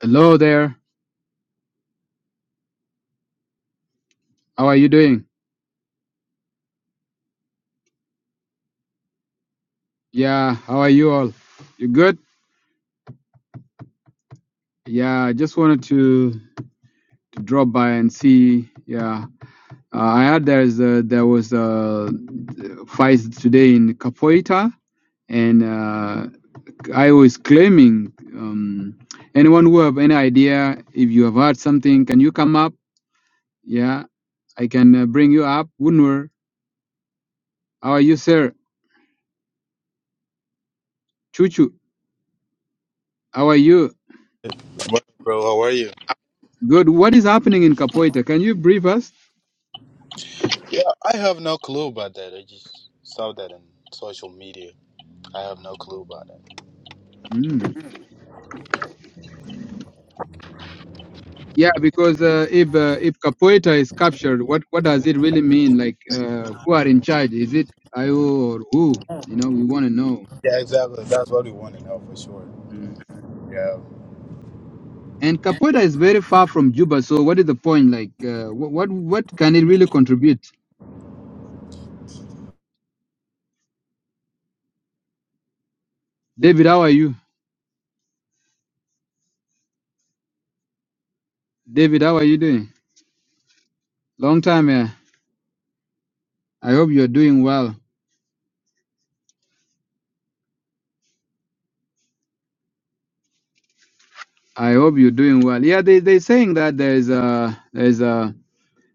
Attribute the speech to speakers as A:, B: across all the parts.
A: Hello there. How are you doing? Yeah, how are you all? You good? Yeah, I just wanted to, to drop by and see. Yeah, uh, I heard there's a, there was a fight today in Capoeira, and uh, I was claiming. Um, anyone who have any idea, if you have heard something, can you come up? Yeah, I can uh, bring you up. Wunwer, how are you, sir? Chuchu, how are you?
B: What, bro? How are you?
A: Good. What is happening in Capoeira? Can you brief us?
B: Yeah, I have no clue about that. I just saw that in social media. I have no clue about it.
A: Mm. Yeah, because uh, if uh, if Capoeira is captured, what what does it really mean? Like, uh, who are in charge? Is it Ayo or who? You know, we want to know.
B: Yeah, exactly. That's what we want to know for sure.
A: Mm.
B: Yeah.
A: And Capoeira is very far from Juba, so what is the point? Like, uh, wh- what what can it really contribute? David, how are you? David, how are you doing? Long time, yeah. I hope you're doing well. I hope you're doing well. Yeah, they they saying that there's uh there's uh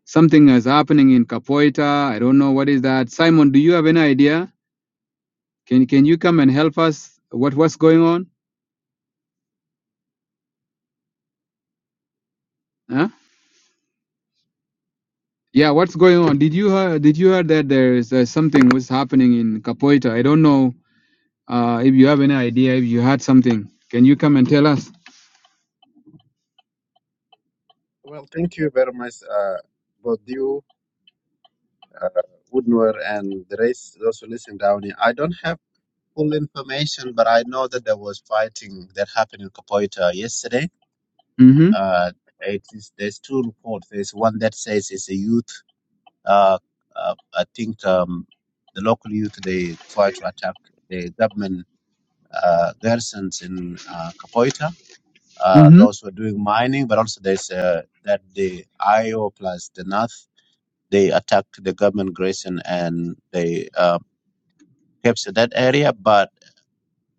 A: something is happening in Capoeira. I don't know what is that. Simon, do you have any idea? Can can you come and help us? What what's going on? Huh? Yeah, what's going on? Did you hear, did you hear that there is uh, something was happening in Capoeira? I don't know uh, if you have any idea. If you heard something, can you come and tell us?
C: Well, thank you very much, uh, both you, Woodward, and the rest, those who listen down here. I don't have full information, but I know that there was fighting that happened in Kapoita yesterday.
A: Mm-hmm.
C: Uh, it is, there's two reports. There's one that says it's a youth. Uh, uh, I think um, the local youth, they try to attack the government uh, garrisons in uh, Kapoita. Uh,
A: Mm-hmm.
C: those who are doing mining, but also there's uh, that the IO plus the North they attacked the government garrison and they uh, captured that area. But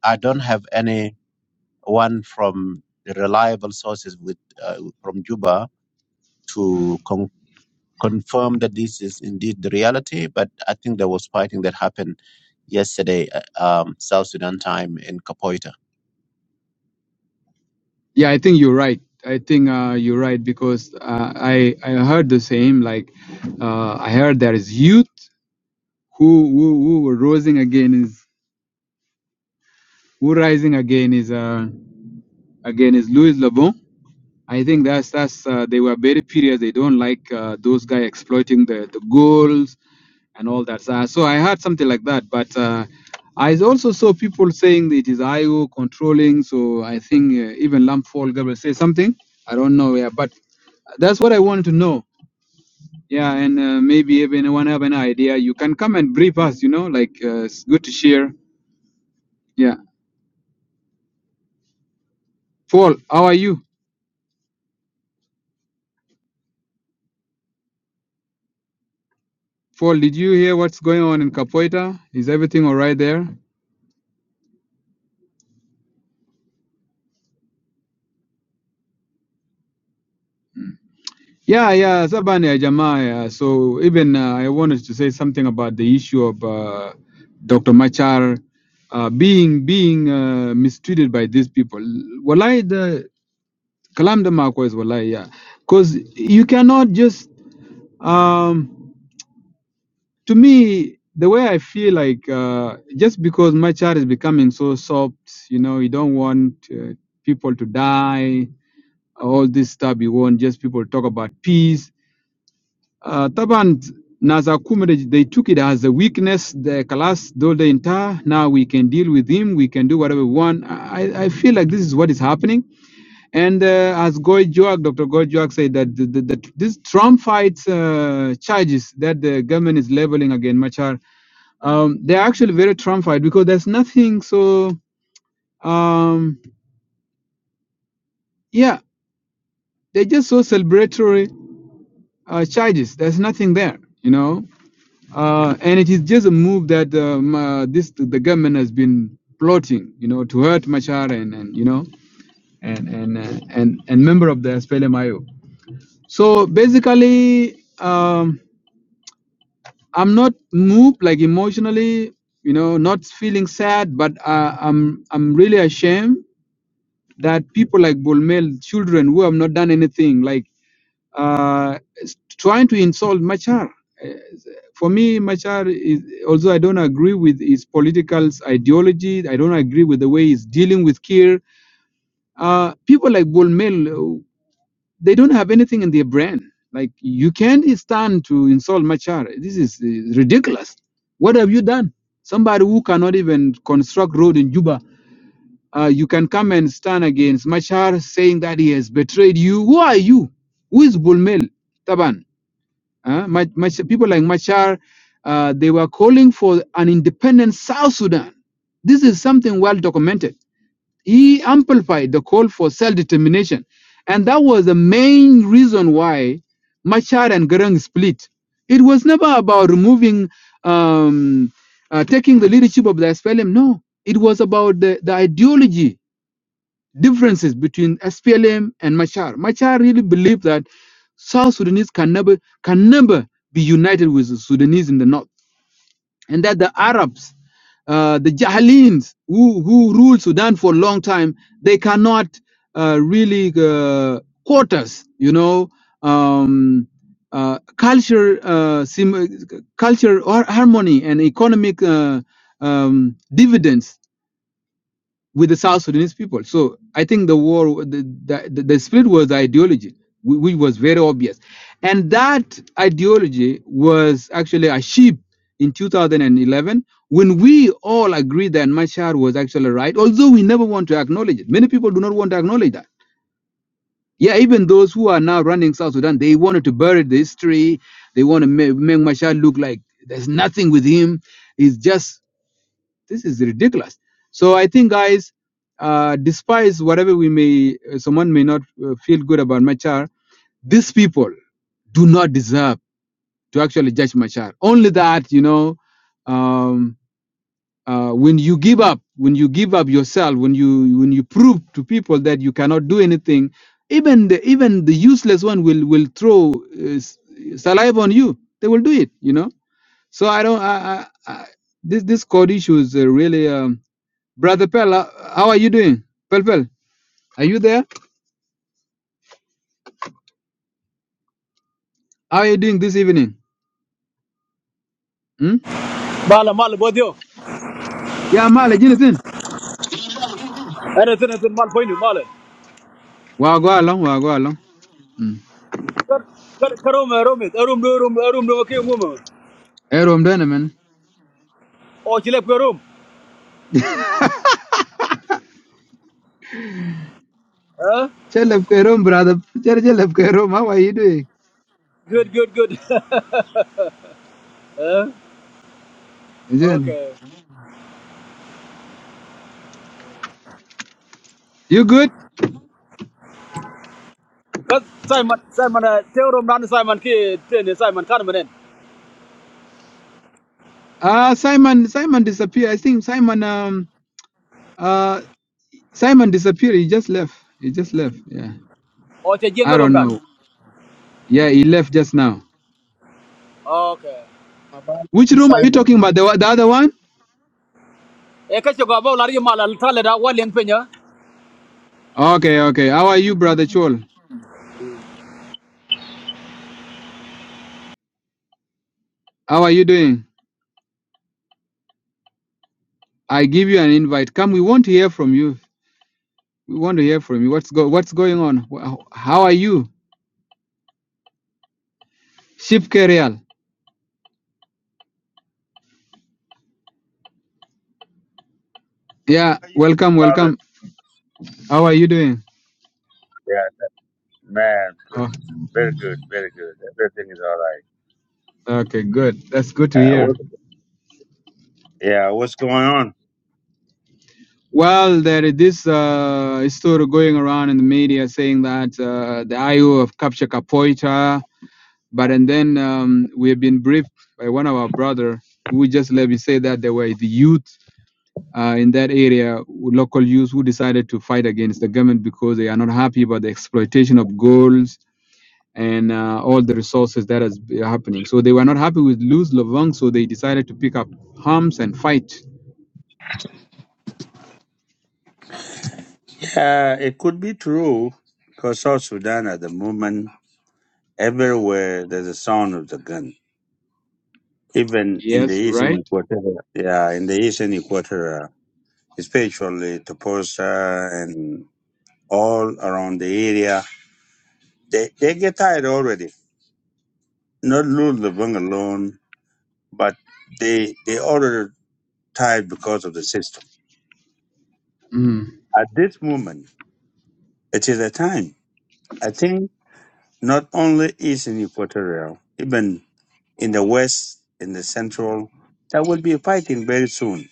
C: I don't have any one from the reliable sources with uh, from Juba to con- confirm that this is indeed the reality. But I think there was fighting that happened yesterday, uh, um, South Sudan time in Kapoita.
A: Yeah, I think you're right. I think uh, you're right because uh, I I heard the same. Like uh, I heard there is youth who who who were rising again is who rising again is uh again is Louis Lebon I think that's that's uh, they were very furious. They don't like uh, those guys exploiting the, the goals and all that. So, so I heard something like that, but uh, I also saw people saying that it is IO controlling. So I think uh, even Lampfall Gabriel say something. I don't know, yeah, but that's what I wanted to know. Yeah, and uh, maybe if anyone have an idea, you can come and brief us. You know, like uh, it's good to share. Yeah, Paul, how are you? Paul, did you hear what's going on in Capoeira? Is everything all right there? Yeah, yeah, Zabani Jamaa. Yeah. So even uh, I wanted to say something about the issue of uh, Dr. Machar uh, being being uh, mistreated by these people. Wallahi, the Kalam the Marco is Wallahi, yeah. Because you cannot just, um, to me, the way I feel like uh, just because Machar is becoming so soft, you know, you don't want uh, people to die, all this stuff, you want just people to talk about peace Uh, طبعا Nazakum, they took it as a weakness. The class told the entire, now we can deal with him, we can do whatever we want. I, I feel like this is what is happening. And uh, as Goy Joak, Dr. Goy Joak said, that the, the, the, this Trump fight uh, charges that the government is leveling against Machar, um, they're actually very Trump fight because there's nothing so, um, yeah, they're just so celebratory uh, charges. There's nothing there, you know. uh, and it is just a move that um, uh, this the government has been plotting, you know, to hurt Machar and, and you know and and uh, and and member of the SPLMIO. So basically, um, I'm not moved like emotionally, you know, not feeling sad, but uh, I'm I'm really ashamed that people like Bulmel, children who have not done anything, like uh, s- trying to insult Machar. for me, Machar is although I don't agree with his political ideology, I don't agree with the way he's dealing with Kiir. Uh, people like Bolmel, uh, they don't have anything in their brain. Like you can't stand to insult Machar. This is uh, ridiculous. What have you done? Somebody who cannot even construct road in Juba, uh, you can come and stand against Machar, saying that he has betrayed you. Who are you? Who is Bolmel? Taban? Uh, my, my, people like Machar, uh, they were calling for an independent South Sudan. This is something well documented. He amplified the call for self determination. And that was the main reason why Machar and Garang split. It was never about removing, um, uh, taking the leadership of the SPLM. No, it was about the, the ideology differences between SPLM and Machar. Machar really believed that South Sudanese can never can never be united with the Sudanese in the north, and that the Arabs, uh, the Jahalins who who ruled Sudan for a long time, they cannot uh, really uh, court us. You know, um, uh, culture, uh, sim- culture har- harmony, and economic uh, um, dividends with the South Sudanese people. So I think the war, the, the, the the was the ideology, whi- which was very obvious. And that ideology was actually achieved in 2011 when we all agreed that Machar was actually right, although we never want to acknowledge it. Many people do not want to acknowledge that. Yeah, even those who are now running South Sudan, they wanted to bury the history. They want to make, make Machar look like there's nothing with him. He's just this is ridiculous. So I think, guys, uh, despise whatever we may, uh, someone may not uh, feel good about Machar, these people do not deserve to actually judge Machar. Only that, you know, um, uh, when you give up, when you give up yourself, when you when you prove to people that you cannot do anything, even the even the useless one will will throw uh, s- saliva on you. They will do it, you know. So I don't. I, I, I, this this code issue is uh, really. Um, Brother Pel, uh, how are you doing? Pel Pel, are you there? How are you doing this evening? Hmm?
D: Bala mal bodio.
A: Yeah, Mali, anything?
D: Ana tana tun mal pointu mal.
A: Well, go along, well, go along. Hmm.
D: Kar kar karom rom it. Arum do rum arum do ke ngum.
A: Hey, Rom, done, man.
D: O chile ko rum. Eh?
A: Chelep Kerom, brother. Chelep Kerom, how are you doing?
D: Good good good. Eh?
A: Jen.
D: Okay.
A: You good?
D: Kat Simon Simon uh, te rum dan Simon ki tene Simon kan menen.
A: Uh, Simon, Simon disappeared. I think Simon, um, uh, Simon disappeared. He just left. He just left. Yeah.
D: O che jeng
A: I
D: rum
A: don't
D: dan.
A: know. Yeah, he left just now.
D: Okay.
C: About
A: Which room are you
C: Simon.
A: talking about? The, one- the other one?
D: E ka che go ba lari mal al tale da walen penya.
A: Okay, okay. How are you, brother Chol? How are you doing? I give you an invite. Come, we want to hear from you. We want to hear from you. What's go What's going on? Wh- How are you, Ship Kerial? Yeah,
E: Are you Blue
A: welcome,
E: Wallace?
A: welcome. How are you doing?
E: Yeah, man. good.
A: Oh,
E: Very good, very good. Everything is all right.
A: okay, good. That's good to
E: Uh,
A: hear.
E: what, yeah, what's going on?
A: Well, there is this uh, story going around in the media saying that uh, the IO have captured Capoeira, but and then um, we have been briefed by one of our brother who just let me say that they were the youth. uh, in that area, local youth who decided to fight against the government because they are not happy about the exploitation of goals and uh, all the resources that is happening. So they were not happy with Luz Lovang, so they decided to pick up arms and fight.
E: Yeah, it could be true because South Sudan at the moment, everywhere there's a sound of the gun. Even in the
A: Yes, you're
E: eastern
A: right.
E: equatorial, yeah, in the eastern equatorial, especially Toposa and all around the area, they, they get tired already. Not lose the alone, but they they already tired because of the system.
A: Mm.
E: At this moment, it is a time. I think not only is in Equatorial, even in the West, in the Central, there will be fighting very soon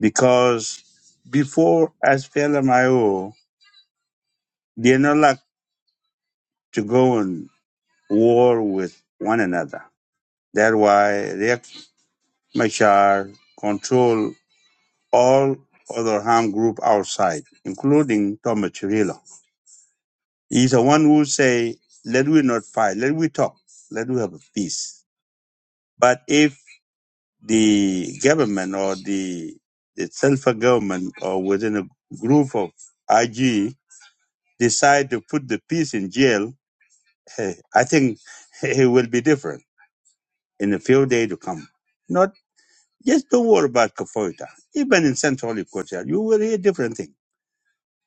E: because before SPLMIO, they're not like to go on war with one another. That's why Riek Machar control all other armed group outside, including Thomas He's the one who say, let we not fight, let we talk, let we have a peace. But if the government or the the self government or within a group of IG decide to put the peace in jail, eh, I think it will be different in a few days to come. Not just don't worry about Kafoita. Even in Central Equatorial, you will hear different things.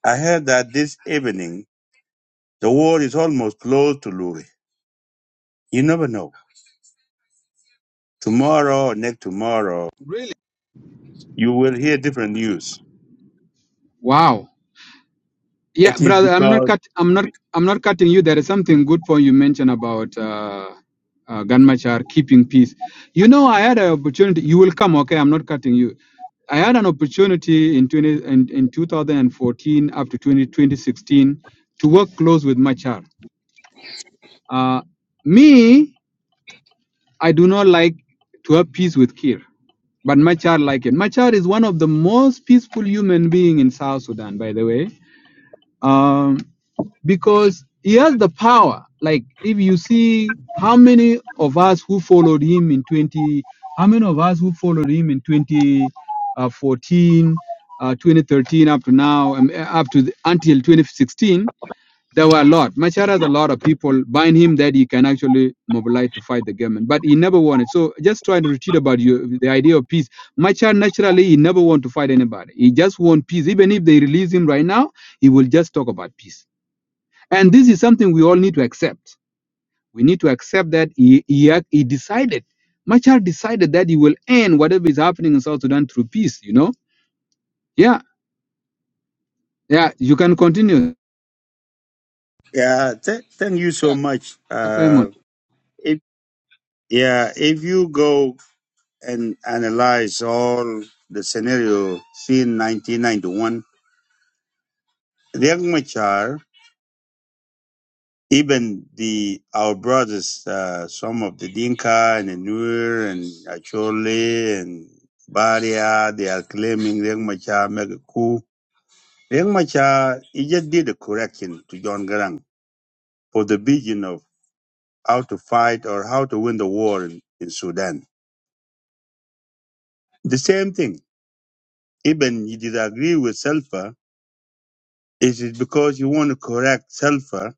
E: I heard that this evening the war is almost close to Luri. You never know tomorrow or next tomorrow,
A: Really?
E: you will hear different news.
A: Wow. Yeah,
E: It is
A: brother, I'm not
E: because
A: cut. I'm not. I'm not cutting you. There is something good point you mentioned about uh, uh, Ganmachar keeping peace. You know, I had an opportunity. You will come, okay? I'm not cutting you. I had an opportunity in 20 in, in 2014 up to 202016, to work close with Machar. Uh, me, I do not like to have peace with Kir, but Machar like it. Machar is one of the most peaceful human being in South Sudan, by the way. Um, because he has the power. Like if you see how many of us who followed him in 20, how many of us who followed him in 2014, uh, 2013 up to now, um, up to the, until 2016, there were a lot. Machar has a lot of people buying him that he can actually mobilize to fight the government, but he never wanted. So just trying to retreat about you, the idea of peace. Machar naturally he never want to fight anybody. He just want peace. Even if they release him right now, he will just talk about peace and this is something we all need to accept. We need to accept that he, he, ac- he decided, Machar decided that he will end whatever is happening in South Sudan through peace, you know? Yeah, yeah, you can continue.
E: yeah. Th- thank you so
A: Back,
E: much. Uh,
A: Simon.
E: if yeah, if you go and analyze all the scenario seen 1991, Riek Machar, even the our brothers, uh, some of the Dinka and the Nuer and Acholi and Baria, they are claiming Riek Machar make a coup. Riek Machar, he just did a correction to John Garang for the vision of how to fight or how to win the war in, in Sudan. The same thing. Even you disagree with Salva, it is because you want to correct Salva,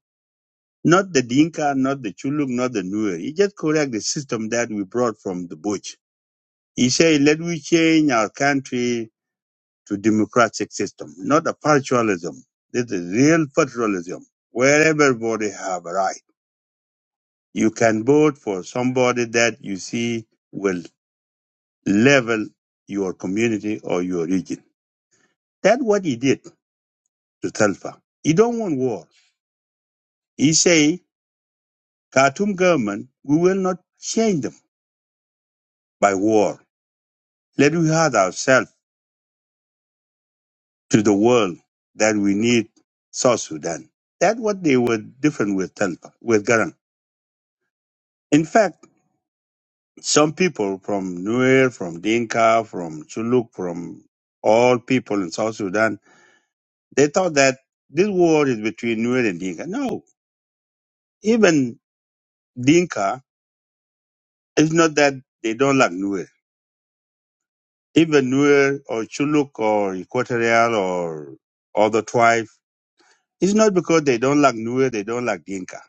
E: not the Dinka, not the Chuluk, not the Nuer. You just correct the system that we brought from the bush. He say, let we change our country to democratic system, not a partialism. This is real federalism, where everybody have a right. You can vote for somebody that you see will level your community or your region. That's what he did to Telfa. He don't want war. He say, Khartoum government, we will not change them by war. Let we hurt ourselves to the world that we need South Sudan. That's what they were different with Telfa, with Garang. In fact, some people from Nuer, from Dinka, from Chuluk, from all people in South Sudan, they thought that this war is between Nuer and Dinka. No, even Dinka, it's not that they don't like Nuer. Even Nuer or Chuluk or Equatorial or other tribe, it's not because they don't like Nuer, they don't like Dinka.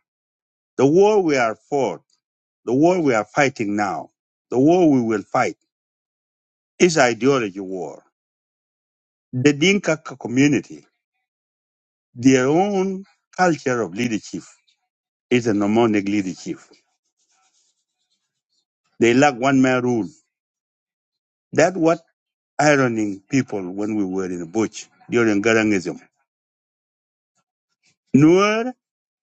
E: The war we are fought, the war we are fighting now, the war we will fight is ideology war. The Dinka c- community, their own culture of leadership is a nomadic leadership. They lack one man rule. That's what ironing people when we were in the bush during Garangism.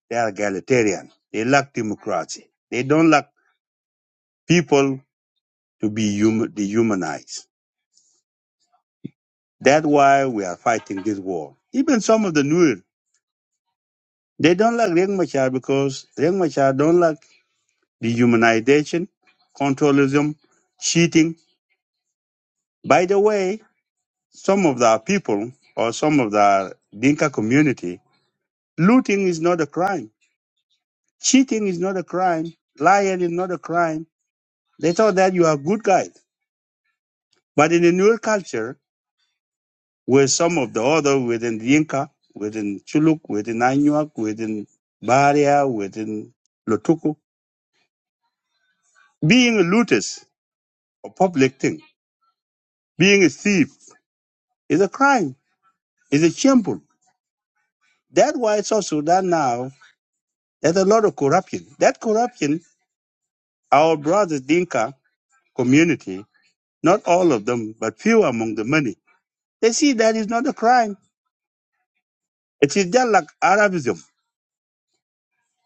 E: They are egalitarian. They lack democracy. They don't like people to be hum- dehumanized. That's why we are fighting this war. Even some of the Nuer, they don't like Riek Machar because Riek Machar don't like dehumanization, controlism, cheating. By the way, some of the people or some of the Dinka community, looting is not a crime. Cheating is not a crime. Lying is not a crime. They thought that you are good guys. But in the Nuer culture, Where some of the other within Yinka, within Chuluk, within Anuak, within Baria, within Lotuku. Being a looters, a public thing, being a thief is a crime, is a shameful. That's why South Sudan now, there's a lot of corruption. That corruption, our brothers Dinka community, not all of them, but few among the many, they see that is not a crime. It is just like Arabism.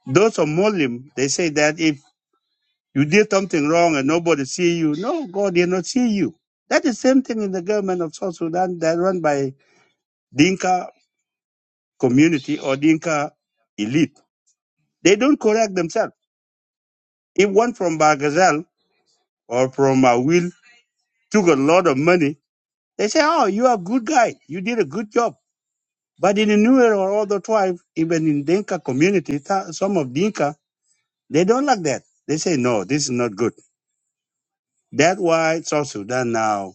E: Those of Muslim, they say that if. You did something wrong and nobody see you. No, God did not see you. That is same thing in the government of South Sudan that run by Dinka community or Dinka elite. They don't correct themselves. If one from Bargazal or from uh, Will took a lot of money, they say, oh, you are a good guy. You did a good job. But in the Nuer or other tribe, even in Dinka community, th- some of Dinka, they don't like that. They say, no, this is not good. That's why South Sudan now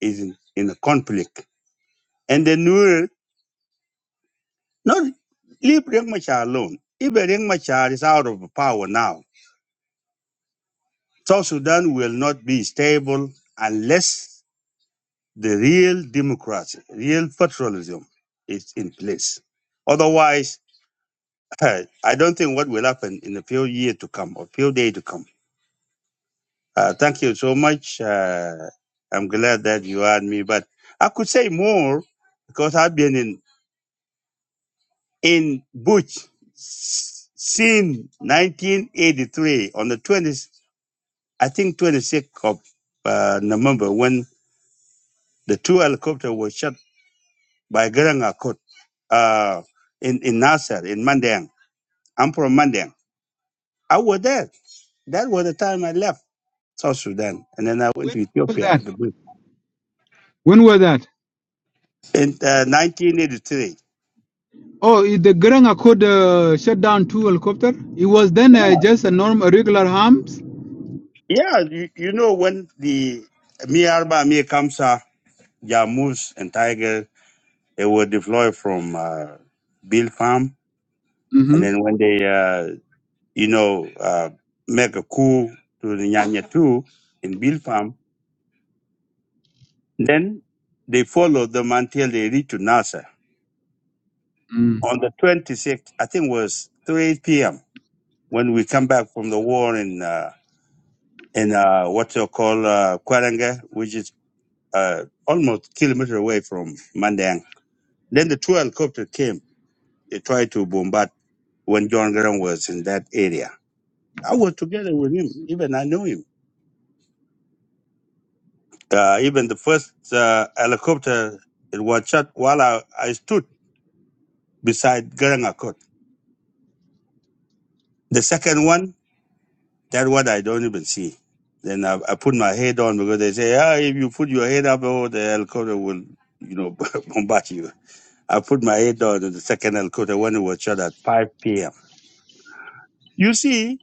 E: is in, in a conflict And then Nuer, not leave Riek Machar alone. If Riek Machar is out of power now. South Sudan will not be stable unless the real democracy, real federalism is in place. Otherwise, I don't think what will happen in a few years to come or few days to come. Uh, thank you so much. Uh, I'm glad that you had me, but I could say more because I've been in in Butch Sin 1983 on the 20, I think 26th of uh, November when the two helicopters were shot by Garanga Kot uh, in, in Nasser, in Mandang. I'm from Mandang. I was there. That was the time I left South Sudan. And then I went
A: When
E: to
A: was
E: Ethiopia
A: that?
E: the Butch,
A: When was that?
E: in uh, 1983.
A: Oh, i- the Garang Accord uh, shut down two helicopter. It was then
E: Yeah,
A: uh, just a normal, regular harms.
E: yeah you, you know when the Mi Arba, Kamsa, Jamus, and Tiger They were deployed from uh, Bill Farm, and
A: hmm
E: then when they, uh, you know, uh, make a coup to the Nyanya Two in Bill Farm, then they followed them until they reached to Nasser.
A: Mm.
E: On the 26th, I think it was 3 p.m. when we come back from the war in uh, in uh, what you call uh, Kwaranga, which is uh, almost kilometer away from Mandang. Then the two helicopters came. They tried to bombard when John Graham was in that area. I was together with him. Even I knew him. Uh, even the first uh, helicopter it was shot while I, I stood beside Garangakot. The second one, that one I don't even see. Then I, I put my head on because they say, ah, if you put your head up, oh, the helicopter will, you know, bombard you. I put my head on the second helicopter when it was shot at 5 p.m. You see,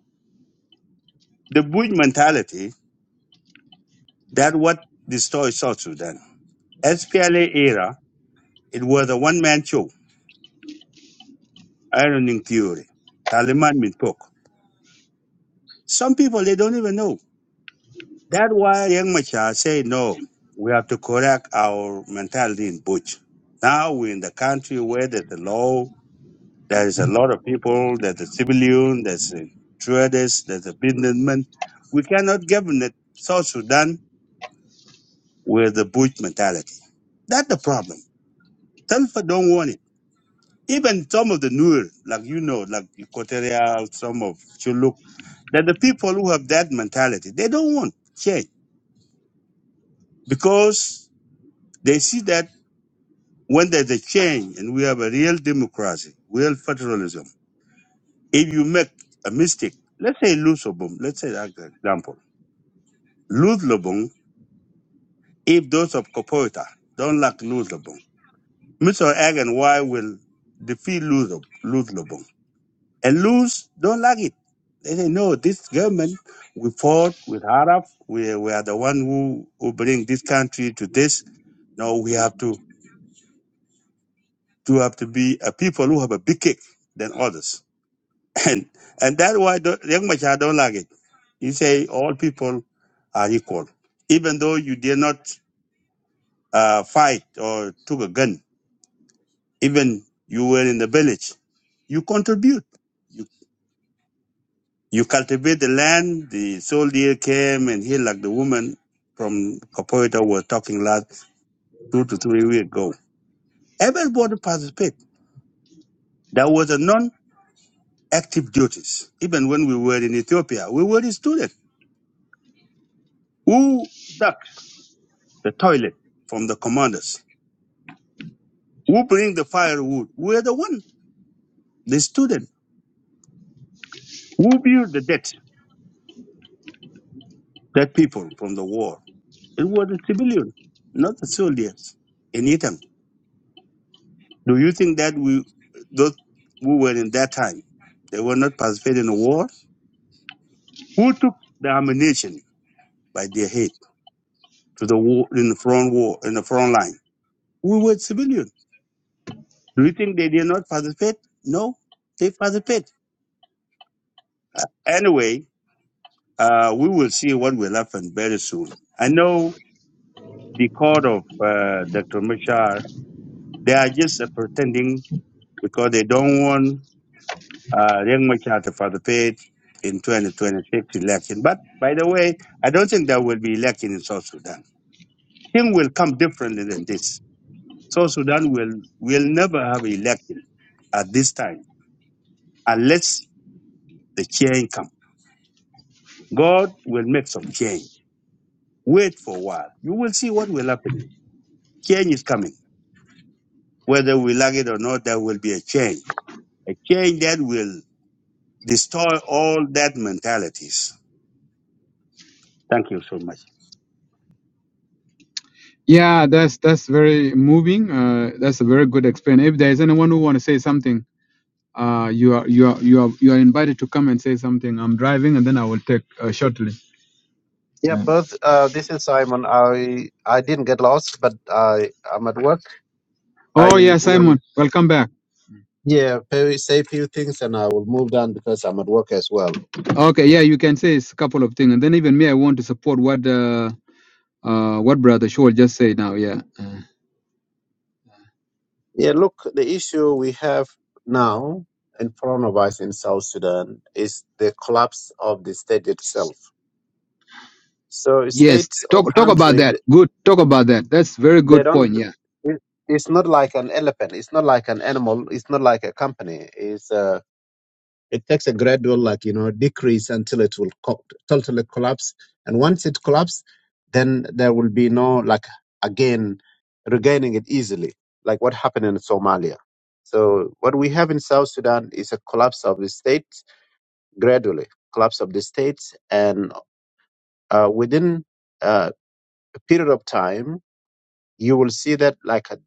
E: the Bush mentality, that what destroyed South Sudan. SPLA era, it was a one-man show ironing theory. Taliman mean talk. Some people they don't even know. That's why Young Machar say no. We have to correct our mentality in Butch. Now we're in the country where there's a law, there is a lot of people, there's a civilian, there's a traders, there's a businessman. We cannot govern it South Sudan with the Butch mentality. That's the problem. Telfer don't want it. Even some of the newer, like you know, like Equatorial, some of Chuluk, that the people who have that mentality, they don't want change because they see that when there's a change and we have a real democracy, real federalism, if you make a mistake, let's say lose Lobong, let's say that example, lose Lobong, if those of Kopoita don't like lose Lobong, Mr. Ag and Y will defeat lose Lobong And Luz don't like it. They say, no, this government, we fought with Arab. We, we are the one who, who bring this country to this. No, we have to, to have to be a people who have a big kick than others. And, and that's why the- Riek Machar don't like it. He say all people are equal. Even though you did not uh, fight or took a gun, even you were in the village, you contribute. You cultivate the land. The soldier came and he, like the woman from Kapoita was talking last two to three weeks ago. Everybody participate. There was a non-active duties. Even when we were in Ethiopia, we were the students who dug the toilet from the commanders, who bring the firewood. We're the one, the student, who build the dead, dead people from the war. It was the civilian, not the soldiers in Ethiopia. Do you think that we those who were in that time they were not participating in the war? Who took the ammunition by their head to the war in the front war in the front line? We were civilians. Do you think they did not participate? No, they participate. Anyway, uh, we will see what will happen very soon. I know the court of uh, Dr. Machar, they are just uh, pretending because they don't want uh, Riek Machar to participate in 2026 election. But by the way, I don't think there will be election in South Sudan. Things will come differently than this. South Sudan will will never have election at this time unless the change comes. God will make some change. Wait for a while. You will see what will happen. Change is coming. Whether we like it or not, there will be a change. A change that will destroy all that mentalities. Thank you so much.
A: Yeah, that's that's very moving. Uh, that's a very good explain. If there is anyone who want to say something, uh, you are you are you are you are invited to come and say something. I'm driving, and then I will take uh, shortly.
C: Yeah,
A: Yeah.
C: both. Uh, this is Simon. I I didn't get lost, but I I'm at work.
A: Oh
C: I
A: yeah,
C: will.
A: Simon, welcome back.
C: Yeah, very say few things and I will move on because I'm at work as well.
A: Okay, yeah, you can say it's a couple of things, and then even me, I want to support what uh, uh, what brother Shaul just said now. Yeah.
C: Yeah, look, the issue we have now in front of us in South Sudan is the collapse of the state itself. So
A: Yes,
C: states or
A: talk talk about
C: country,
A: that.
C: th-
A: Good, talk about that. That's very
C: they
A: good
C: don't.
A: point. Yeah.
C: it- It's not like an elephant. It's not like an animal. It's not like a company. It's uh, It takes a gradual, like, you know, decrease until it will co- totally collapse. And once it collapses, then there will be no, like, again, regaining it easily, like what happened in Somalia. So what we have in South Sudan is a collapse of the state gradually, collapse of the state, And uh, within uh, a period of time, you will see that, like, a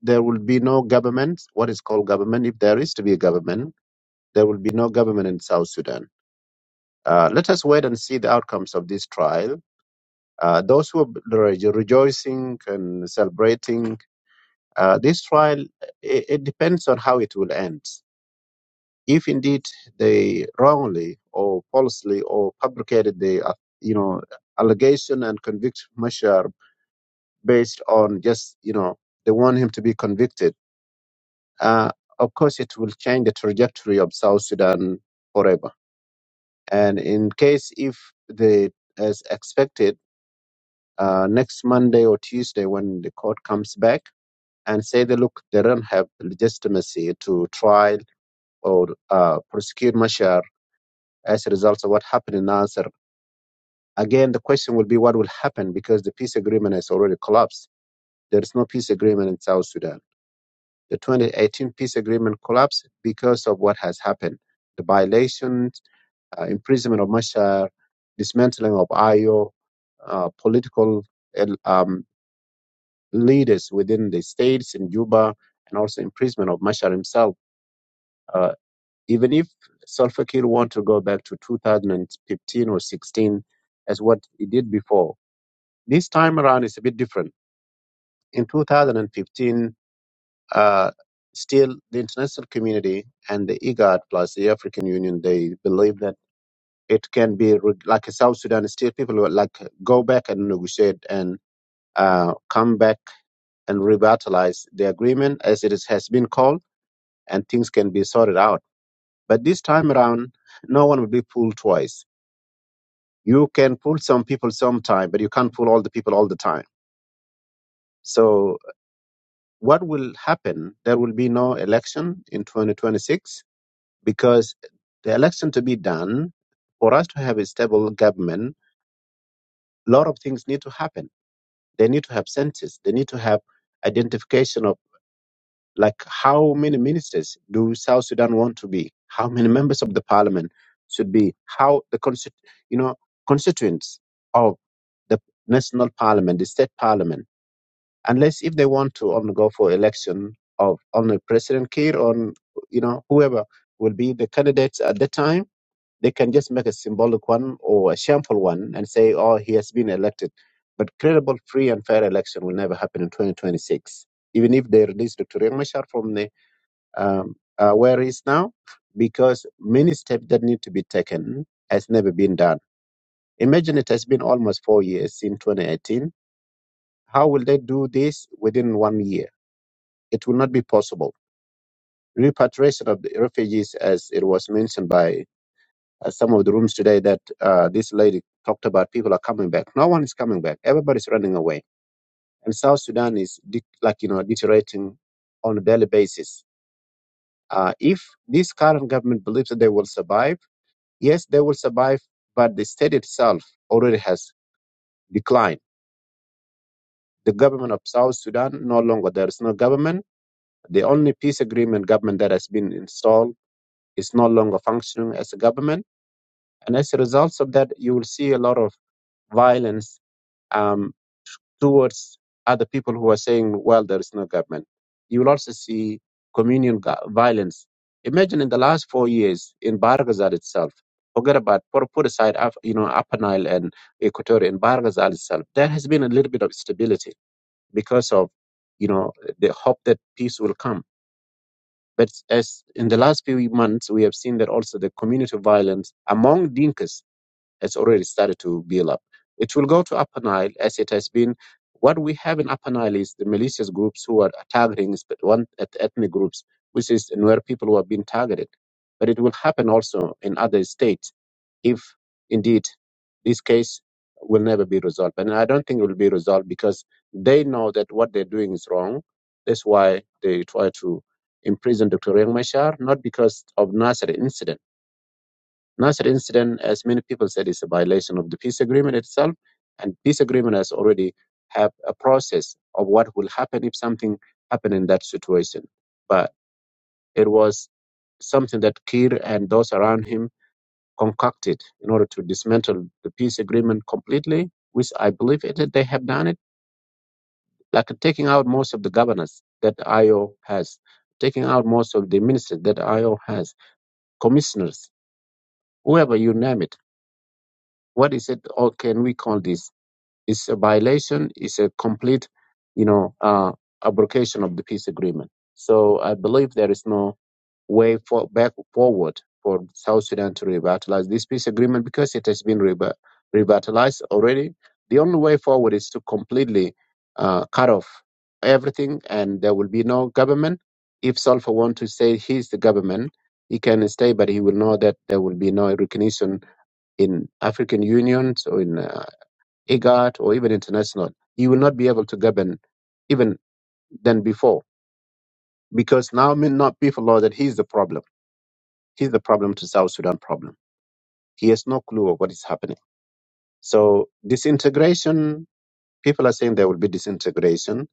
C: there will be no government, what is called government, if there is to be a government, there will be no government in South Sudan Uh, let us wait and see the outcomes of this trial. Uh, those who are rejo- rejoicing and celebrating uh, this trial, it, it depends on how it will end. If indeed they wrongly or falsely or fabricated the, uh, you know, allegation and convict Mashar based on just, you know, they want him to be convicted, uh, of course it will change the trajectory of South Sudan forever. And in case if they, as expected, uh, next Monday or Tuesday when the court comes back and say that look, they don't have legitimacy to trial or uh, prosecute Mashar as a result of what happened in Nasser. Again, the question will be what will happen because the peace agreement has already collapsed. There is no peace agreement in South Sudan. The 2018 peace agreement collapsed because of what has happened. The violations, uh, imprisonment of Mashar, dismantling of IO, uh, political um, leaders within the states in Juba and also imprisonment of Mashar himself. Uh, even if Salva Kiir want to go back to 2015 or 16 as what he did before, this time around is a bit different. In 2015, uh, still the international community and the IGAD plus the African Union, they believe that it can be re- like a South Sudan still people will like go back and negotiate and uh, come back and revitalize the agreement as it is, has been called and things can be sorted out. But this time around, no one will be pulled twice. You can pull some people sometime, but you can't pull all the people all the time. So, what will happen? There will be no election in 2026 because the election to be done, for us to have a stable government, a lot of things need to happen. They need to have census, they need to have identification of Like, how many ministers do South Sudan want to be? How many members of the parliament should be? How the constitu- you know constituents of the national parliament, the state parliament, unless if they want to only go for election of only President Kiir or you know whoever will be the candidates at the time, they can just make a symbolic one or a shameful one and say, "Oh, he has been elected." But credible, free, and fair election will never happen in 2026 even if they release Dr. Riek Machar from the um, uh, where is now because many steps that need to be taken has never been done. Imagine it has been almost four years since 2018. How will they do this within one year? It will not be possible. Repatriation of the refugees, as it was mentioned by uh, some of the rooms today, that uh, this lady talked about, people are coming back. No one is coming back. Everybody's running away, and South Sudan is de- like you know deteriorating on a daily basis. Uh, if this current government believes that they will survive Yes, they will survive, but the state itself already has declined. The government of South Sudan no longer there is no government. The only peace agreement government that has been installed is no longer functioning as a government, and as a result of that, you will see a lot of violence um, towards other people who are saying, well, there is no government. You will also see communal ga- violence. Imagine in the last four years in Bargazal itself, forget about, put, put aside, Af- you know, Upper Nile and Equatoria, in Bargazal itself, there has been a little bit of stability because of, you know, the hope that peace will come. But as in the last few months, we have seen that also the community violence among Dinkas it's already started to build up. It will go to Upper Nile as it has been. What we have in Upper Nile is the malicious groups who are targeting sp- one eth- ethnic groups, which is where people who have been targeted. But it will happen also in other states if indeed this case will never be resolved. And I don't think it will be resolved because they know that what they're doing is wrong. That's why they try to imprison Dr. Riek Machar, not because of Nasser incident Nasser incident, as many people said, is a violation of the peace agreement itself, and peace agreement has already have a process of what will happen if something happened in that situation. But it was something that Kir and those around him concocted in order to dismantle the peace agreement completely, which I believe it, that they have done it, like taking out most of the governors that IO has, taking out most of the ministers that IO has, commissioners, whoever you name it. What is it, or can we call this? It's a violation. It's a complete, you know, uh, abrogation of the peace agreement. So I believe there is no way for, back forward for South Sudan to revitalize this peace agreement because it has been revi- revitalized already. The only way forward is to completely uh, cut off everything, and there will be no government. If Salva wants to say he's the government, he can stay, but he will know that there will be no recognition in African Union or in uh, IGAD, or even international, he will not be able to govern even than before because now may not people know that he's the problem. He's the problem to South Sudan problem. He has no clue of what is happening. So disintegration, people are saying there will be disintegration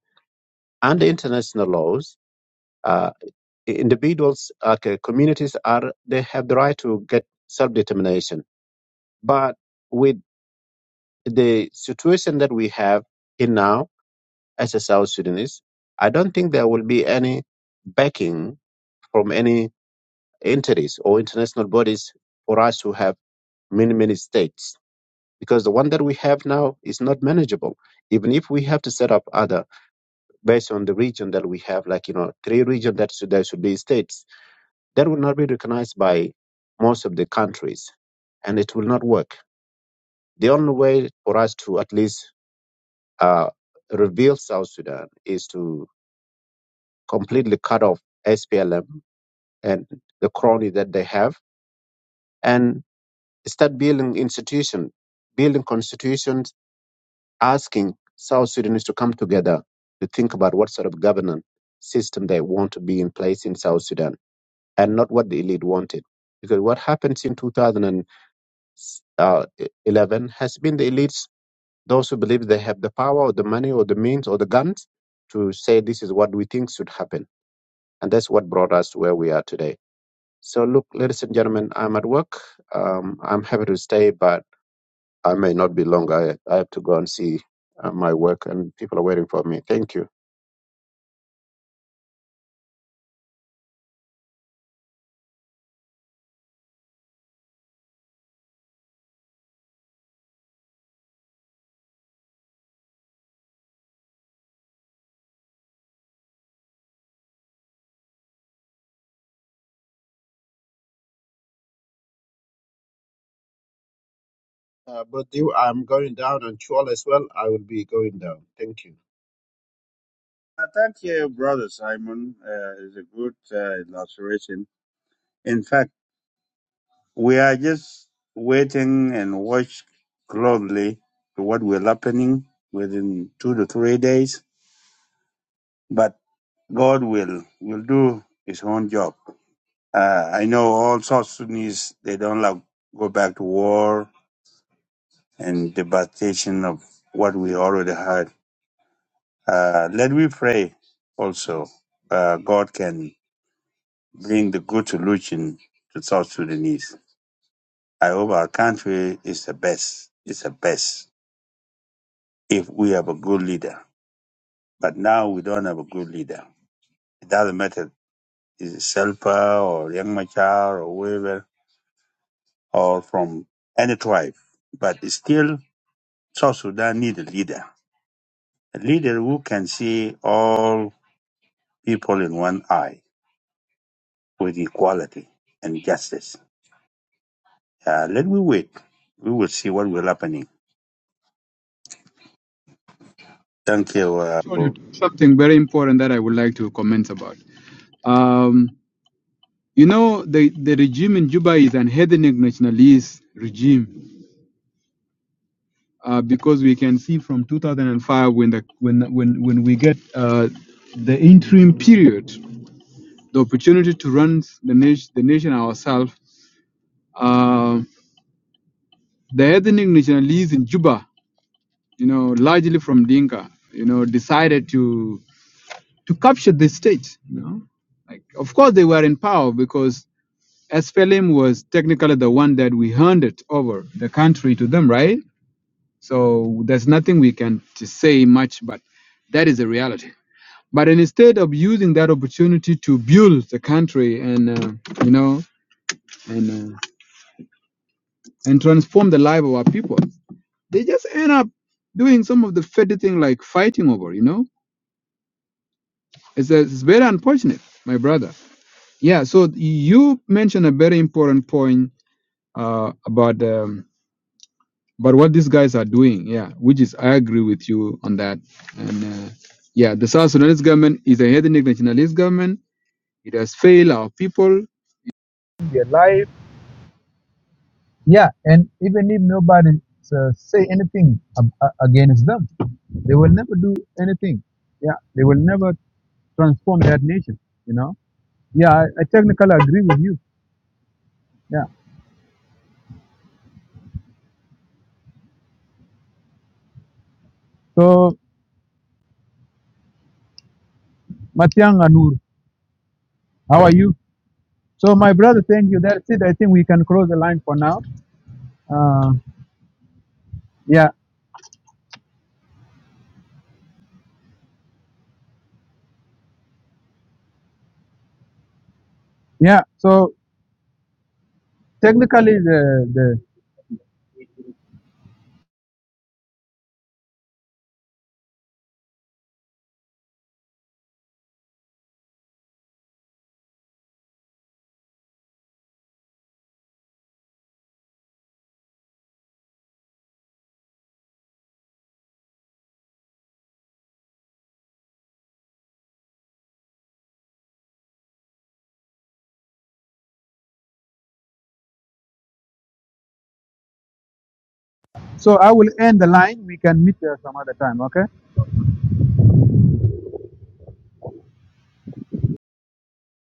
C: under international laws. Uh, individuals, okay, communities are they have the right to get self determination, but with the situation that we have in now as a South Sudanese, I don't think there will be any backing from any entities or international bodies for us to have many, many states. Because the one that we have now is not manageable. Even if we have to set up other based on the region that we have, like you know, three regions that should, there should be states, that will not be recognized by most of the countries, and it will not work. The only way for us to at least uh, reveal South Sudan is to completely cut off SPLM and the crony that they have and start building institutions, building constitutions, asking South Sudanese to come together to think about what sort of governance system they want to be in place in South Sudan and not what the elite wanted. Because what happens in 2011 has been the elites, those who believe they have the power or the money or the means or the guns to say this is what we think should happen. And that's what brought us to where we are today. So, look, ladies and gentlemen, I'm at work. Um, I'm happy to stay, but I may not be long. I, I have to go and see uh, my work, and people are waiting for me. Thank you. Uh, but you, I'm going down, and Chual as well. I will be going down. Thank you.
E: Uh, Thank you, Brother Simon. Uh, it's a good uh, illustration. In fact, we are just waiting and watch closely to what will happening within two to three days. But God will will do His own job. Uh, I know all South Sudanese they don't like go back to war and devastation of what we already had. Uh, let we pray also. Uh, God can. bring the good solution to South Sudanese. I hope our country is the best. It's the best if we have a good leader. But now we don't have a good leader. It doesn't matter is it Selpa or Yang Machar or whoever or from any tribe. But it's still South Sudan need a leader. A leader who can see all people in one eye with equality and justice. Uh, let we wait. We will see what will happening. Thank you.
A: Shaul,
E: Uh,
A: you took something very important that I would like to comment about. Um, you know, the the regime in Juba is an ethnic nationalist regime uh, because we can see from 2005 when the when when when we get uh, the interim period, the opportunity to run the nation the nation ourselves. Uh, the ethnic nationalists in Juba, you know, largely from Dinka, you know, decided to to capture the state. You know, like of course they were in power because SPLM was technically the one that we handed over the country to them, right? So there's nothing we can to say much, but that is the reality. But instead of using that opportunity to build the country and uh, you know and uh, and transform the life of our people, they just end up doing some of the petty thing like fighting over. You know, it's a, it's very unfortunate, my brother. Yeah. So you mentioned a very important point uh, about um, about what these guys are doing. Yeah, which is I agree with you on that. And uh, yeah, the South Sudanese government is a ethnic nationalist government. It has failed our people Yeah, and even if nobody uh, say anything ab- a- against them, they will never do anything. Yeah, they will never transform that nation. You know. Yeah, I, I technically agree with you. Yeah. So Matiang Anur, how are you? So my brother, thank you. That's it. I think we can close the line for now. Uh, yeah, yeah. So technically the the so I will end the line. We can meet uh, some other time. Okay.